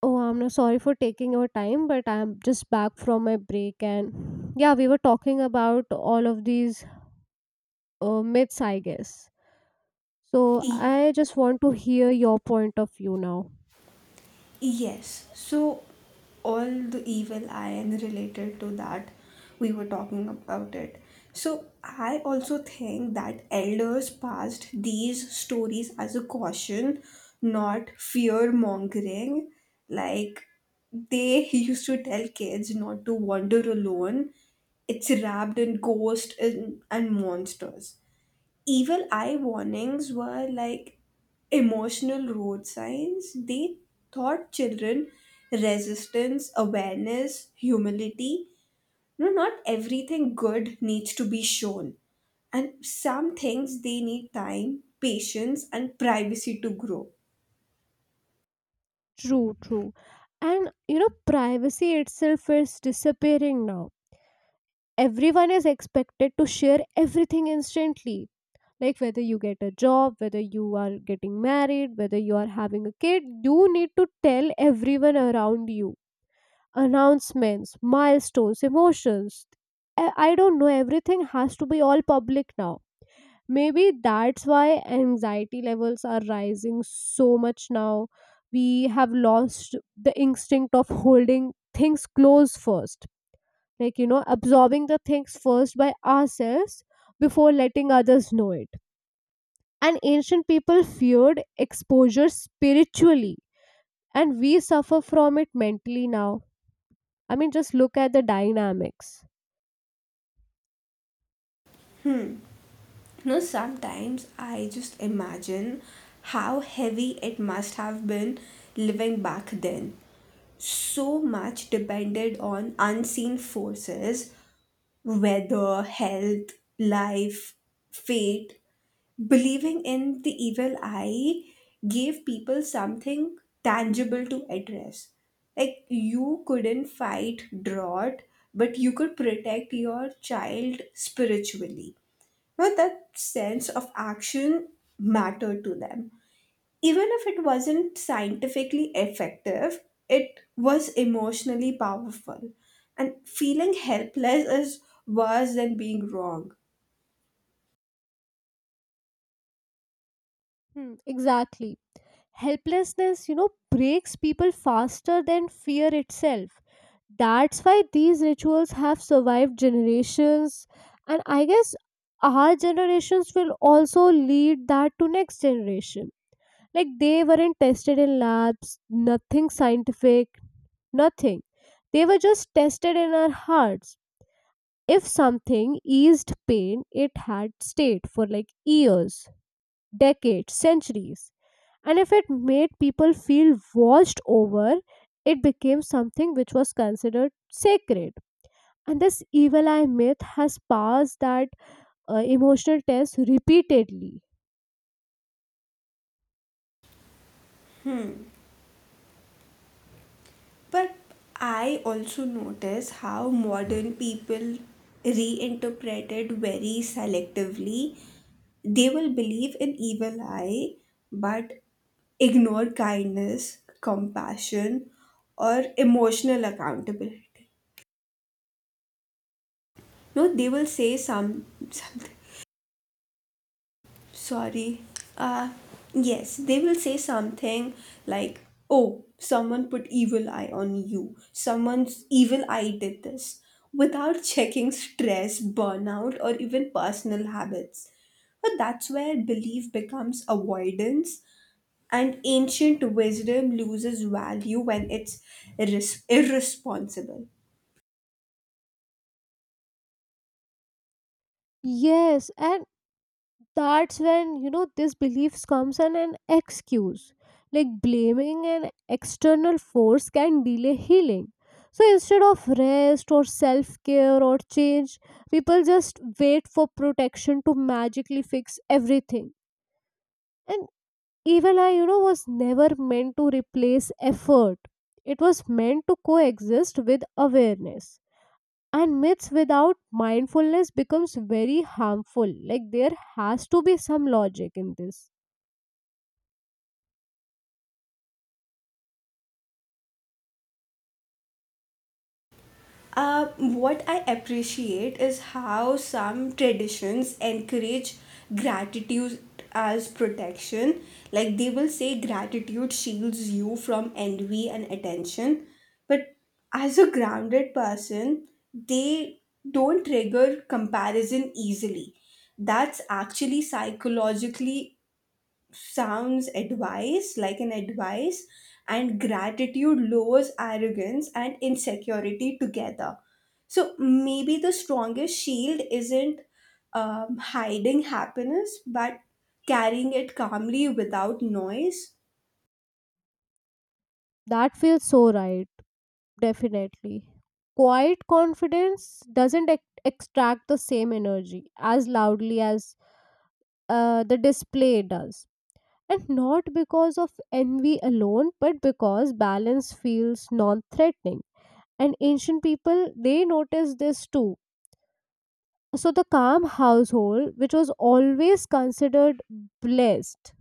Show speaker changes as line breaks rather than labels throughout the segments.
Oh, I'm no sorry for taking your time, but I'm just back from my break, and yeah, we were talking about all of these myths, I guess. So
Y-
I just want to hear your point of view now.
yes. So all the evil eye and related to that, we were talking about it. So I also think that elders passed these stories as a caution, not fear mongering. Like they used to tell kids not to wander alone. It's wrapped in ghosts and monsters. Evil eye warnings were like emotional road signs. They taught children resistance, awareness, humility. No, not everything good needs to be shown. And some things they need time, patience, and privacy to grow.
True, true. And you know, privacy itself is disappearing now. Everyone is expected to share everything instantly. Like whether you get a job, whether you are getting married, whether you are having a kid, you need to tell everyone around you announcements, milestones, emotions. I don't know, everything has to be all public now. Maybe that's why anxiety levels are rising so much now. We have lost the instinct of holding things close first, like, you know, absorbing the things first by ourselves before letting others know it. And ancient people feared exposure spiritually, and we suffer from it mentally now. I mean, just look at the dynamics.
You know, sometimes I just imagine how heavy it must have been living back then. So much depended on unseen forces: weather, health, life, fate. Believing in the evil eye gave people something tangible to address. Like, you couldn't fight drought, but you could protect your child spiritually. Now that sense of action mattered to them, even if it wasn't scientifically effective, it was emotionally powerful. And feeling helpless is worse than being wrong.
Hmm, exactly. Helplessness, you know, breaks people faster than fear itself. That's why these rituals have survived generations. And I guess our generations will also lead that to next generation. Like they weren't tested in labs, nothing scientific, nothing. They were just tested in our hearts. If something eased pain, it had stayed for like years, decades, centuries, and if it made people feel watched over, it became something which was considered sacred, and this evil eye myth has passed that emotional test repeatedly.
But I also notice how modern people reinterpret it very selectively. They will believe in evil eye, but ignore kindness, compassion, or emotional accountability. No, they will say something. Sorry. uh yes, they will say something like, oh, someone put evil eye on you, someone's evil eye did this, without checking stress, burnout, or even personal habits. But that's where belief becomes avoidance, and ancient wisdom loses value when it's irresponsible.
Yes, and that's when, you know, this beliefs comes and an excuse. Like blaming an external force can delay healing, so instead of rest or self care or change, people just wait for protection to magically fix everything. And even I, you know, was never meant to replace effort. It was meant to coexist with awareness. And myths without mindfulness becomes very harmful. Like there has to be some logic in this.
What I appreciate is how some traditions encourage gratitude as protection. Like they will say gratitude shields you from envy and attention. But as a grounded person, they don't trigger comparison easily. That's actually psychologically sounds advice, like an advice. And gratitude lowers arrogance and insecurity together, so maybe the strongest shield isn't hiding happiness, but carrying it calmly without noise.
That feels so right, definitely. Quiet confidence doesn't extract the same energy as loudly as the display does. And not because of envy alone, but because balance feels non threatening. And ancient people, they noticed this too. So the calm household, which was always considered blessed,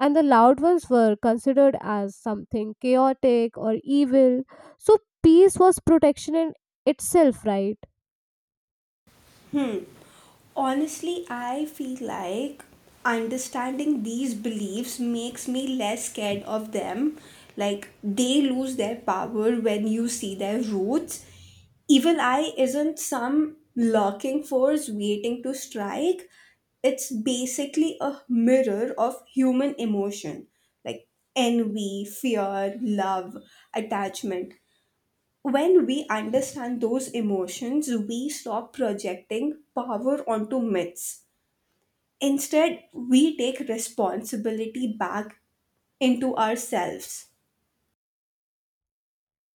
and the loud ones were considered as something chaotic or evil. So peace was protection in itself, right?
Honestly, I feel like understanding these beliefs makes me less scared of them. Like they lose their power when you see their roots. Evil eye isn't some lurking force waiting to strike. It's basically a mirror of human emotion, like envy, fear, love, attachment. When we understand those emotions, we stop projecting power onto myths. Instead, we take responsibility back into ourselves.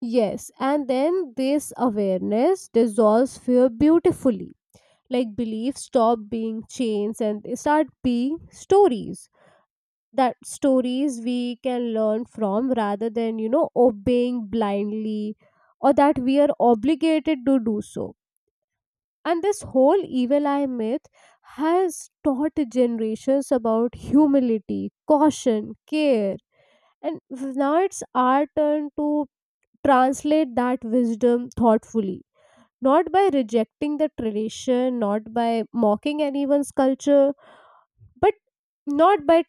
Yes, and then this awareness dissolves fear beautifully. Like beliefs stop being chains and they start being stories, that stories we can learn from rather than, you know, obeying blindly, or that we are obligated to do so. And this whole evil eye myth has taught generations about humility, caution, care. And now it's our turn to translate that wisdom thoughtfully, not by rejecting the tradition, not by mocking anyone's culture, but not by,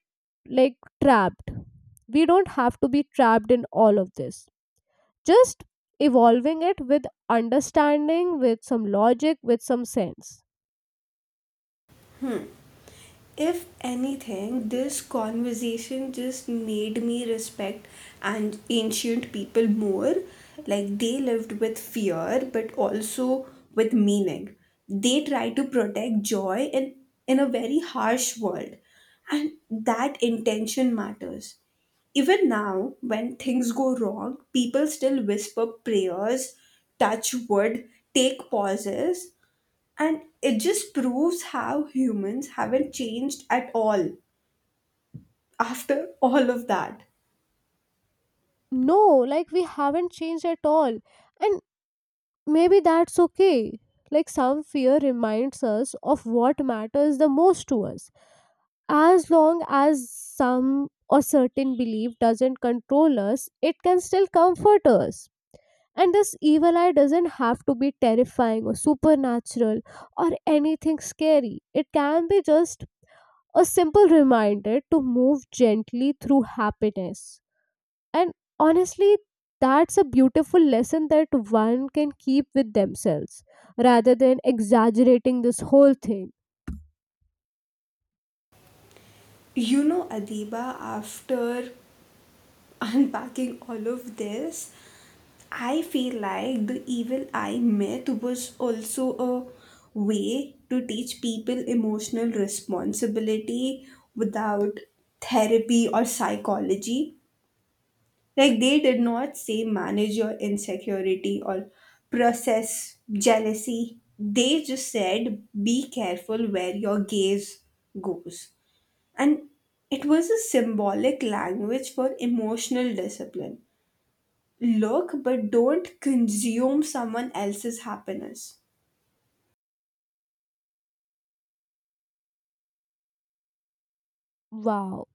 like, trapped, we don't have to be trapped in all of this, just evolving it with understanding, with some logic, with some sense.
If anything, this conversation just made me respect and ancient people more. Like they lived with fear, but also with meaning. They tried to protect joy in a very harsh world, and that intention matters. Even now, when things go wrong, people still whisper prayers, touch wood, take pauses, and it just proves how humans haven't changed at all after all of that.
No, like we haven't changed at all, and maybe that's okay. Like some fear reminds us of what matters the most to us, as long as some or certain belief doesn't control us, it can still comfort us. And this evil eye doesn't have to be terrifying or supernatural or anything scary. It can be just a simple reminder to move gently through happiness. And honestly, that's a beautiful lesson that one can keep with themselves rather than exaggerating this whole thing.
You know, Adiba, after unpacking all of this, I feel like the evil eye myth was also a way to teach people emotional responsibility without therapy or psychology. Like they did not say manage your insecurity or process jealousy. They just said be careful where your gaze goes. And it was a symbolic language for emotional discipline. Look, but don't consume someone else's happiness.
Wow.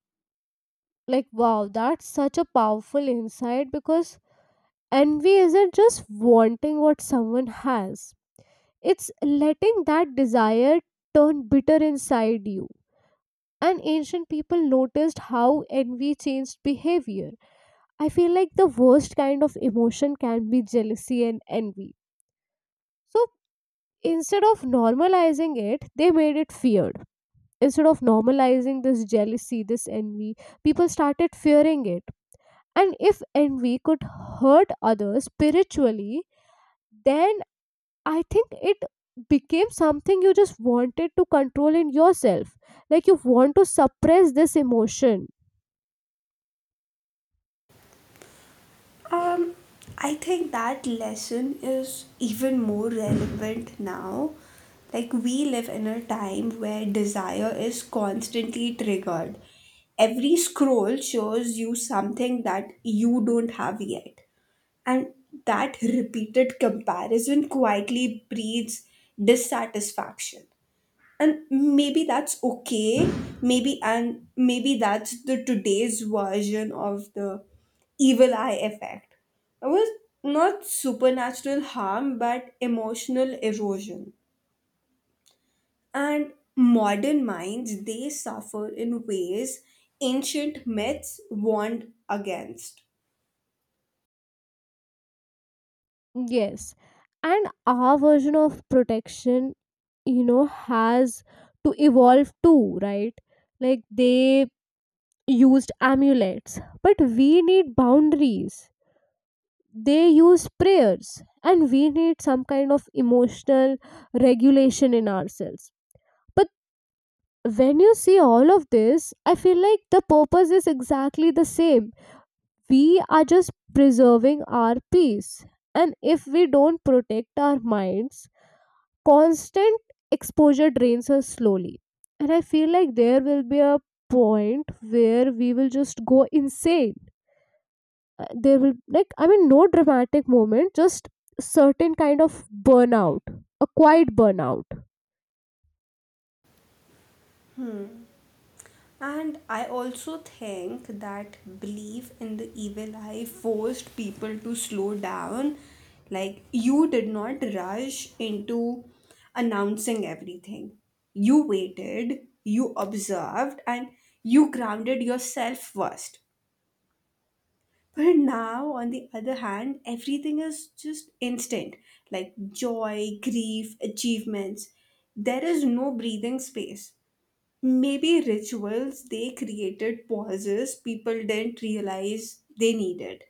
Like, wow, that's such a powerful insight because envy isn't just wanting what someone has. It's letting that desire turn bitter inside you. And ancient people noticed how envy changed behavior. I feel like the worst kind of emotion can be jealousy and envy. So instead of normalizing it, they made it feared. Instead of normalizing this jealousy, this envy, people started fearing it. And if envy could hurt others spiritually, then I think it became something you just wanted to control in yourself. Like you want to suppress this emotion.
Um, I think that lesson is even more relevant now. Like, we live in a time where desire is constantly triggered. Every scroll shows you something that you don't have yet. And that repeated comparison quietly breeds dissatisfaction, and maybe that's okay. Maybe, and maybe that's the today's version of the evil eye effect. It was not supernatural harm, but emotional erosion, and modern minds, they suffer in ways ancient myths warned against.
Yes. And our version of protection, you know, has to evolve too, right? Like they used amulets, but we need boundaries. They use prayers, and we need some kind of emotional regulation in ourselves. But when you see all of this, I feel like the purpose is exactly the same. We are just preserving our peace. And if we don't protect our minds, constant exposure drains us slowly. And I feel like there will be a point where we will just go insane. There will, like, I mean, no dramatic moment, just certain kind of burnout, a quiet burnout.
And I also think that belief in the evil eye forced people to slow down. Like, you did not rush into announcing everything. You waited, you observed, and you grounded yourself first. But now, on the other hand, everything is just instant, like joy, grief, achievements. There is no breathing space. Maybe rituals they created pauses people didn't realize they needed.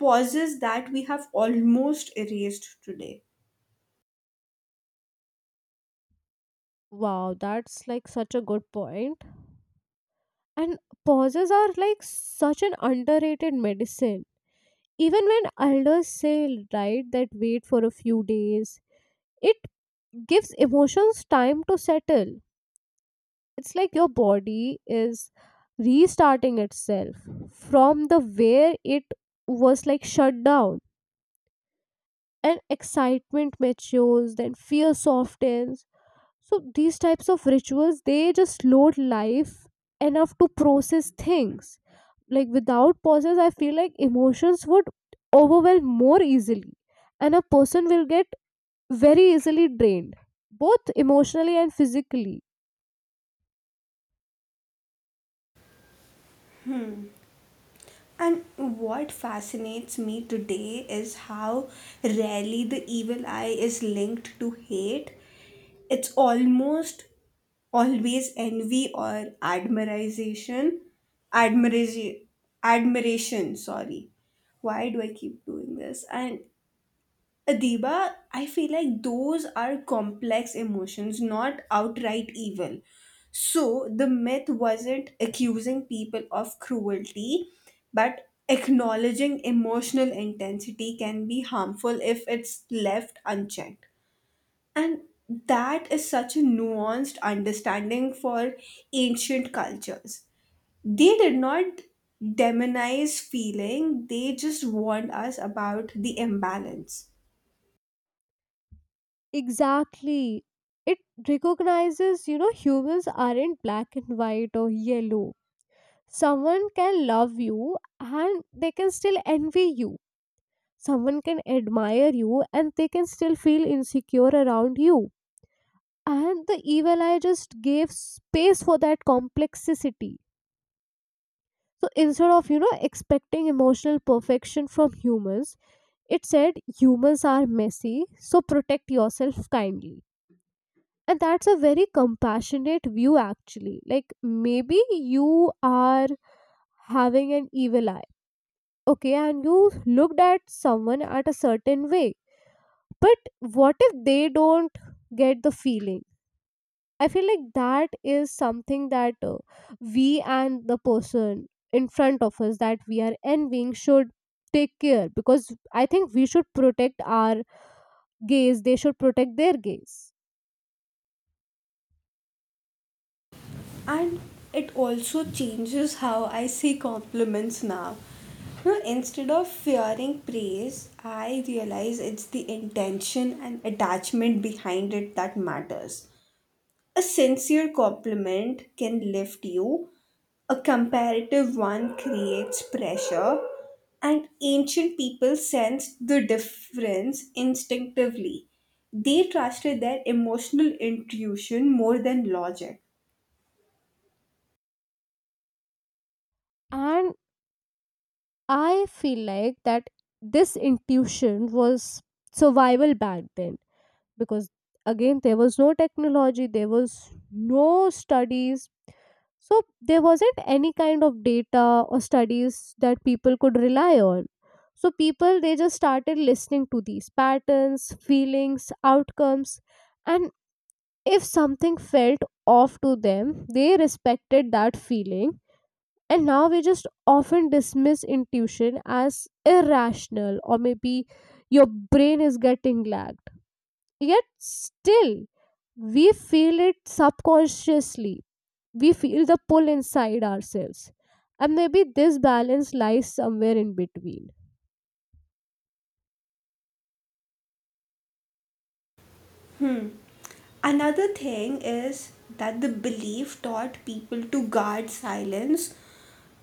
Pauses that we have almost erased today.
Wow, that's like such a good point. And pauses are like such an underrated medicine. Even when elders say, right, that wait for a few days, it gives emotions time to settle. It's like your body is restarting itself from the where it was like shut down. And excitement matures, then fear softens. So these types of rituals, they just load life enough to process things. Like without pauses, I feel like emotions would overwhelm more easily, and a person will get very easily drained, both emotionally and physically.
And what fascinates me today is how rarely the evil eye is linked to hate. It's almost always envy or admiration. Admiration, admiration, sorry. Why do I keep doing this? And Adiba, I feel like those are complex emotions, not outright evil. So the myth wasn't accusing people of cruelty, but acknowledging emotional intensity can be harmful if it's left unchecked. And that is such a nuanced understanding for ancient cultures. They did not demonize feeling, they just warned us about the imbalance.
Exactly. It recognizes, you know, humans aren't black and white or yellow. Someone can love you and they can still envy you. Someone can admire you and they can still feel insecure around you. And the evil eye just gave space for that complexity. So instead of, you know, expecting emotional perfection from humans, it said humans are messy, so protect yourself kindly. And that's a very compassionate view, actually. Like, maybe you are having an evil eye, okay, and you looked at someone at a certain way. But what if they don't get the feeling? I feel like that is something that we and the person in front of us that we are envying should take care, because I think we should protect our gaze, they should protect their gaze.
And it also changes how I see compliments now. You know, instead of fearing praise, I realize it's the intention and attachment behind it that matters. A sincere compliment can lift you, a comparative one creates pressure, and ancient people sensed the difference instinctively. They trusted their emotional intuition more than logic.
And I feel like that this intuition was survival back then, because again there was no technology, there was no studies, so there wasn't any kind of data or studies that people could rely on. So people, they just started listening to these patterns, feelings, outcomes. And if something felt off to them, they respected that feeling. And now we just often dismiss intuition as irrational, or maybe your brain is getting lagged, yet still we feel it subconsciously. We feel the pull inside ourselves. And maybe this balance lies somewhere in between.
Hmm. Another thing is that the belief taught people to guard silence.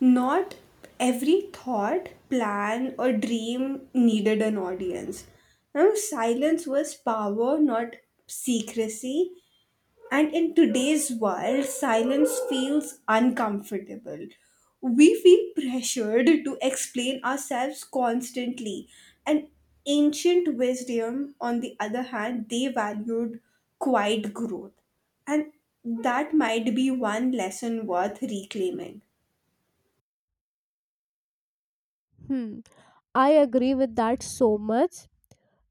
Not every thought, plan, or dream needed an audience. Now, silence was power, not secrecy. And in today's world, silence feels uncomfortable. We feel pressured to explain ourselves constantly. And ancient wisdom, on the other hand, they valued quiet growth. And that might be one lesson worth reclaiming.
Hmm. I agree with that so much.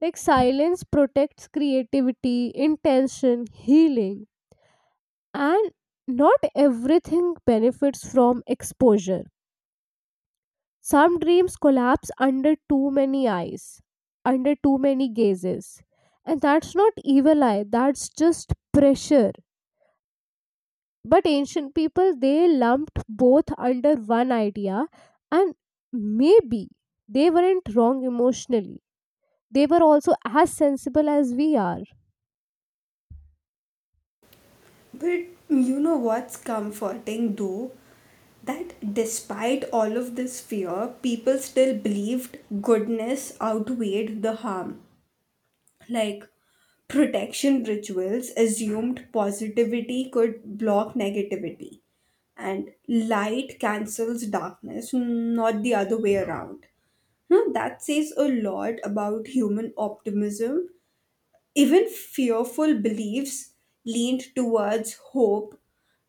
Like silence protects creativity, intention, healing, and not everything benefits from exposure. Some dreams collapse under too many eyes, under too many gazes. And that's not evil eye, that's just pressure. But ancient people, they lumped both under one idea, and maybe they weren't wrong emotionally. They were also as sensible as we are.
But you know what's comforting though? That despite all of this fear, people still believed goodness outweighed the harm. Like protection rituals assumed positivity could block negativity, and light cancels darkness, not the other way around. Now that says a lot about human optimism. Even fearful beliefs leaned towards hope,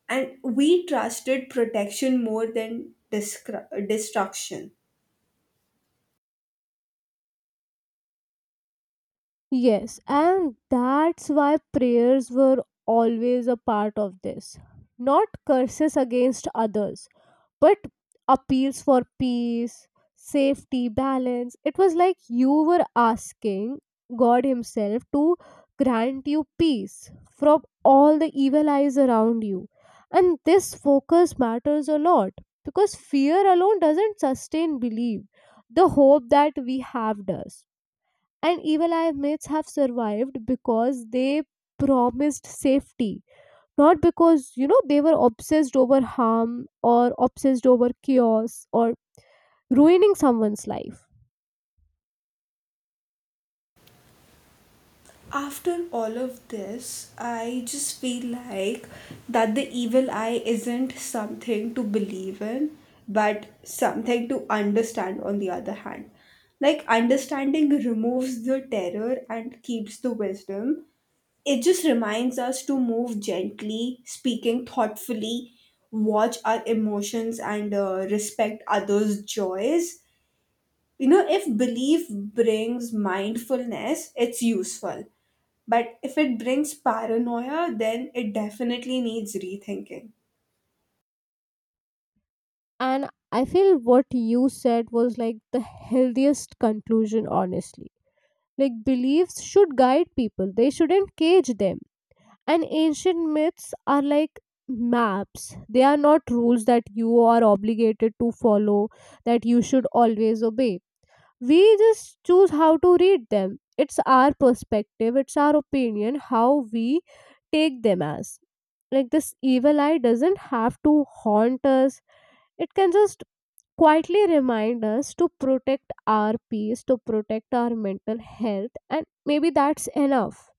and we trusted protection more than destruction.
Yes, and that's why prayers were always a part of this. Not curses against others, but appeals for peace, safety, balance. It was like you were asking God Himself to grant you peace from all the evil eyes around you. And this focus matters a lot, because fear alone doesn't sustain belief. The hope that we have does. And evil eye myths have survived because they promised safety, not because, you know, they were obsessed over harm or obsessed over chaos or ruining someone's life.
After all of this, I just feel like that the evil eye isn't something to believe in, but something to understand on the other hand. Like, understanding removes the terror and keeps the wisdom. It just reminds us to move gently, speaking thoughtfully, watch our emotions, and respect others' joys. You know, if belief brings mindfulness, it's useful, but if it brings paranoia, then it definitely needs rethinking.
And I feel what you said was like the healthiest conclusion, honestly. Like, beliefs should guide people, they shouldn't cage them. And ancient myths are like maps, they are not rules that you are obligated to follow, that you should always obey. We just choose how to read them. It's our perspective, it's our opinion, how we take them as. Like, this evil eye doesn't have to haunt us, it can just quietly remind us to protect our peace, to protect our mental health, and maybe that's enough.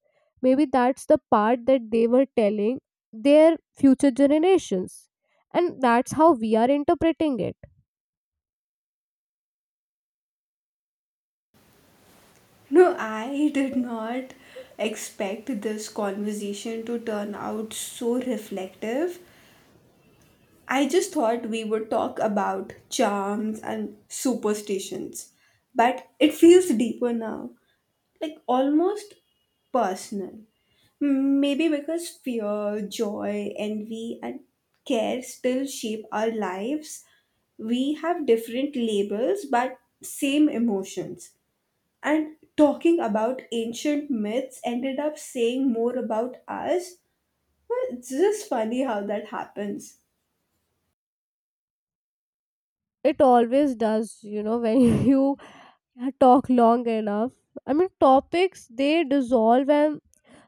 Maybe that's the part that they were telling their future generations. And that's how we are interpreting it.
No, I did not expect this conversation to turn out so reflective. I just thought we would talk about charms and superstitions, but it feels deeper now, like almost personal. Hmm. Maybe because fear, joy, envy, and care still shape our lives, we have different labels but same emotions. And talking about ancient myths ended up saying more about us. Well, it's just funny how that happens.
It always does, you know, when you talk long enough. I mean, topics they dissolve, and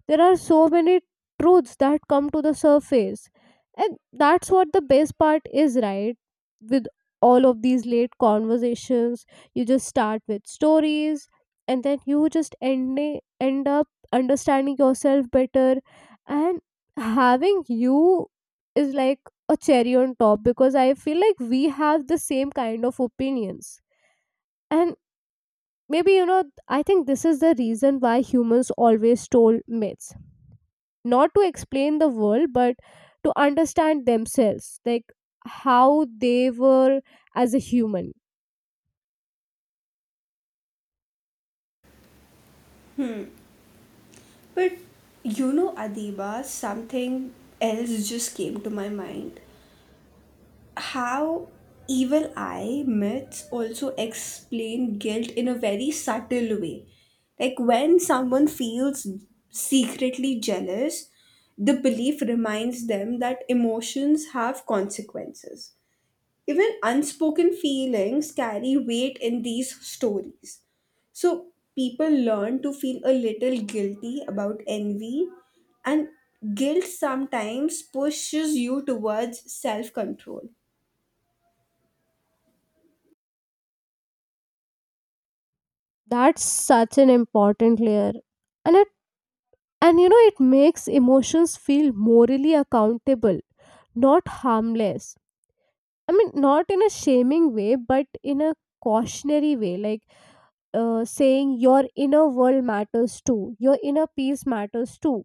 there are so many truths that come to the surface. And that's what the best part is, right? With all of these late conversations, you just start with stories, and then you just end up understanding yourself better. And having you is like a cherry on top, because I feel like we have the same kind of opinions. And maybe, you know, I think this is the reason why humans always told myths, not to explain the world but to understand themselves, like how they were as a human.
But you know, Adiba, something else just came to my mind, how evil eye myths also explain guilt in a very subtle way. Like when someone feels secretly jealous, the belief reminds them that emotions have consequences. Even unspoken feelings carry weight in these stories. So people learn to feel a little guilty about envy, and guilt sometimes pushes you towards self control.
That's such an important layer. And it, and you know, it makes emotions feel morally accountable, not harmless. I mean, not in a shaming way but in a cautionary way, like, saying your inner world matters too, your inner peace matters too.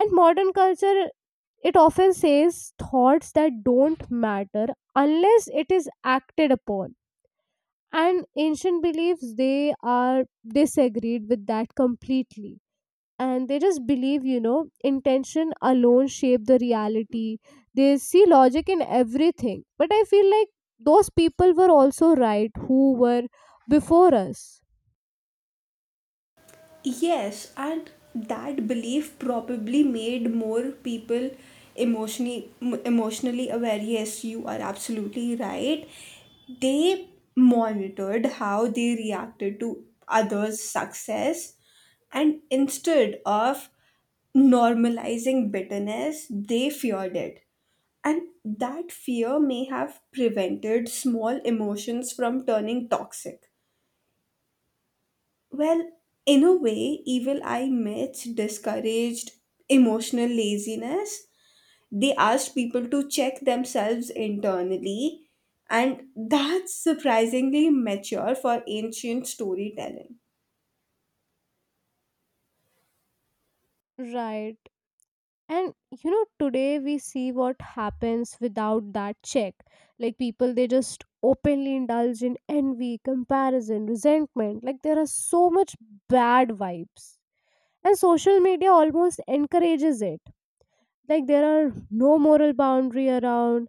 And modern culture, it often says thoughts that don't matter unless it is acted upon. And ancient beliefs, they are disagreed with that completely. And they just believe, you know, intention alone shape the reality. They see logic in everything. But I feel like those people were also right who were before us.
Yes, and that belief probably made more people emotionally emotionally aware. Yes, you are absolutely right. They monitored how they reacted to others' success, and instead of normalizing bitterness, they feared it. And that fear may have prevented small emotions from turning toxic. Well, in a way, evil eye myths discouraged emotional laziness. They asked people to check themselves internally, and that's surprisingly mature for ancient storytelling.
Right. And you know today we see what happens without that check. Like people, they just openly indulge in envy, comparison, resentment, like there are so much bad vibes, and social media almost encourages it. Like there are no moral boundary around,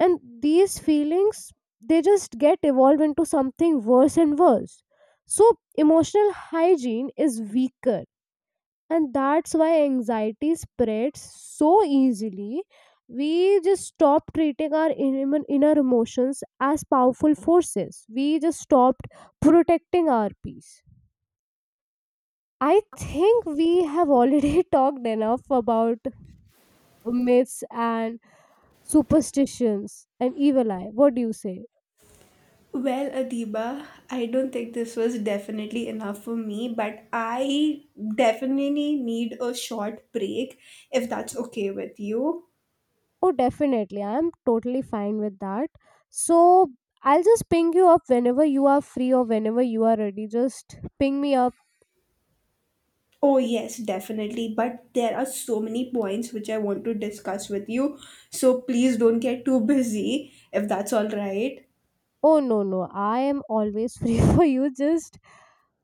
and these feelings, they just get evolved into something worse and worse. So emotional hygiene is weaker, and that's why anxiety spreads so easily. We just stop treating our inner emotions as powerful forces, we just stopped protecting our peace. I think we have already talked enough about myths and superstitions and evil eye, what do you say?
Well, Adiba, I don't think this was definitely enough for me, but I definitely need a short break if that's okay with you.
Oh definitely, I'm totally fine with that. So I'll just ping you up whenever you are free, or whenever you are ready just ping me up.
Oh, yes, definitely. But there are so many points which I want to discuss with you. So please don't get too busy if that's all right.
Oh no no, I am always free for you.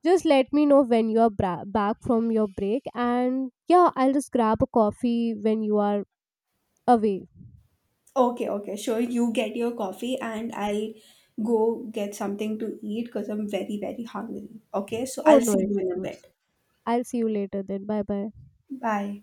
Just let me know when you are back from your break and yeah, I'll just grab a coffee when you are away.
Okay, okay, sure. You get your coffee and I'll go get something to eat because I'm very, very hungry. Okay, so
Oh
I'll
no
see you in a
issues.
bit.
I'll see you later then. Bye bye.
Bye.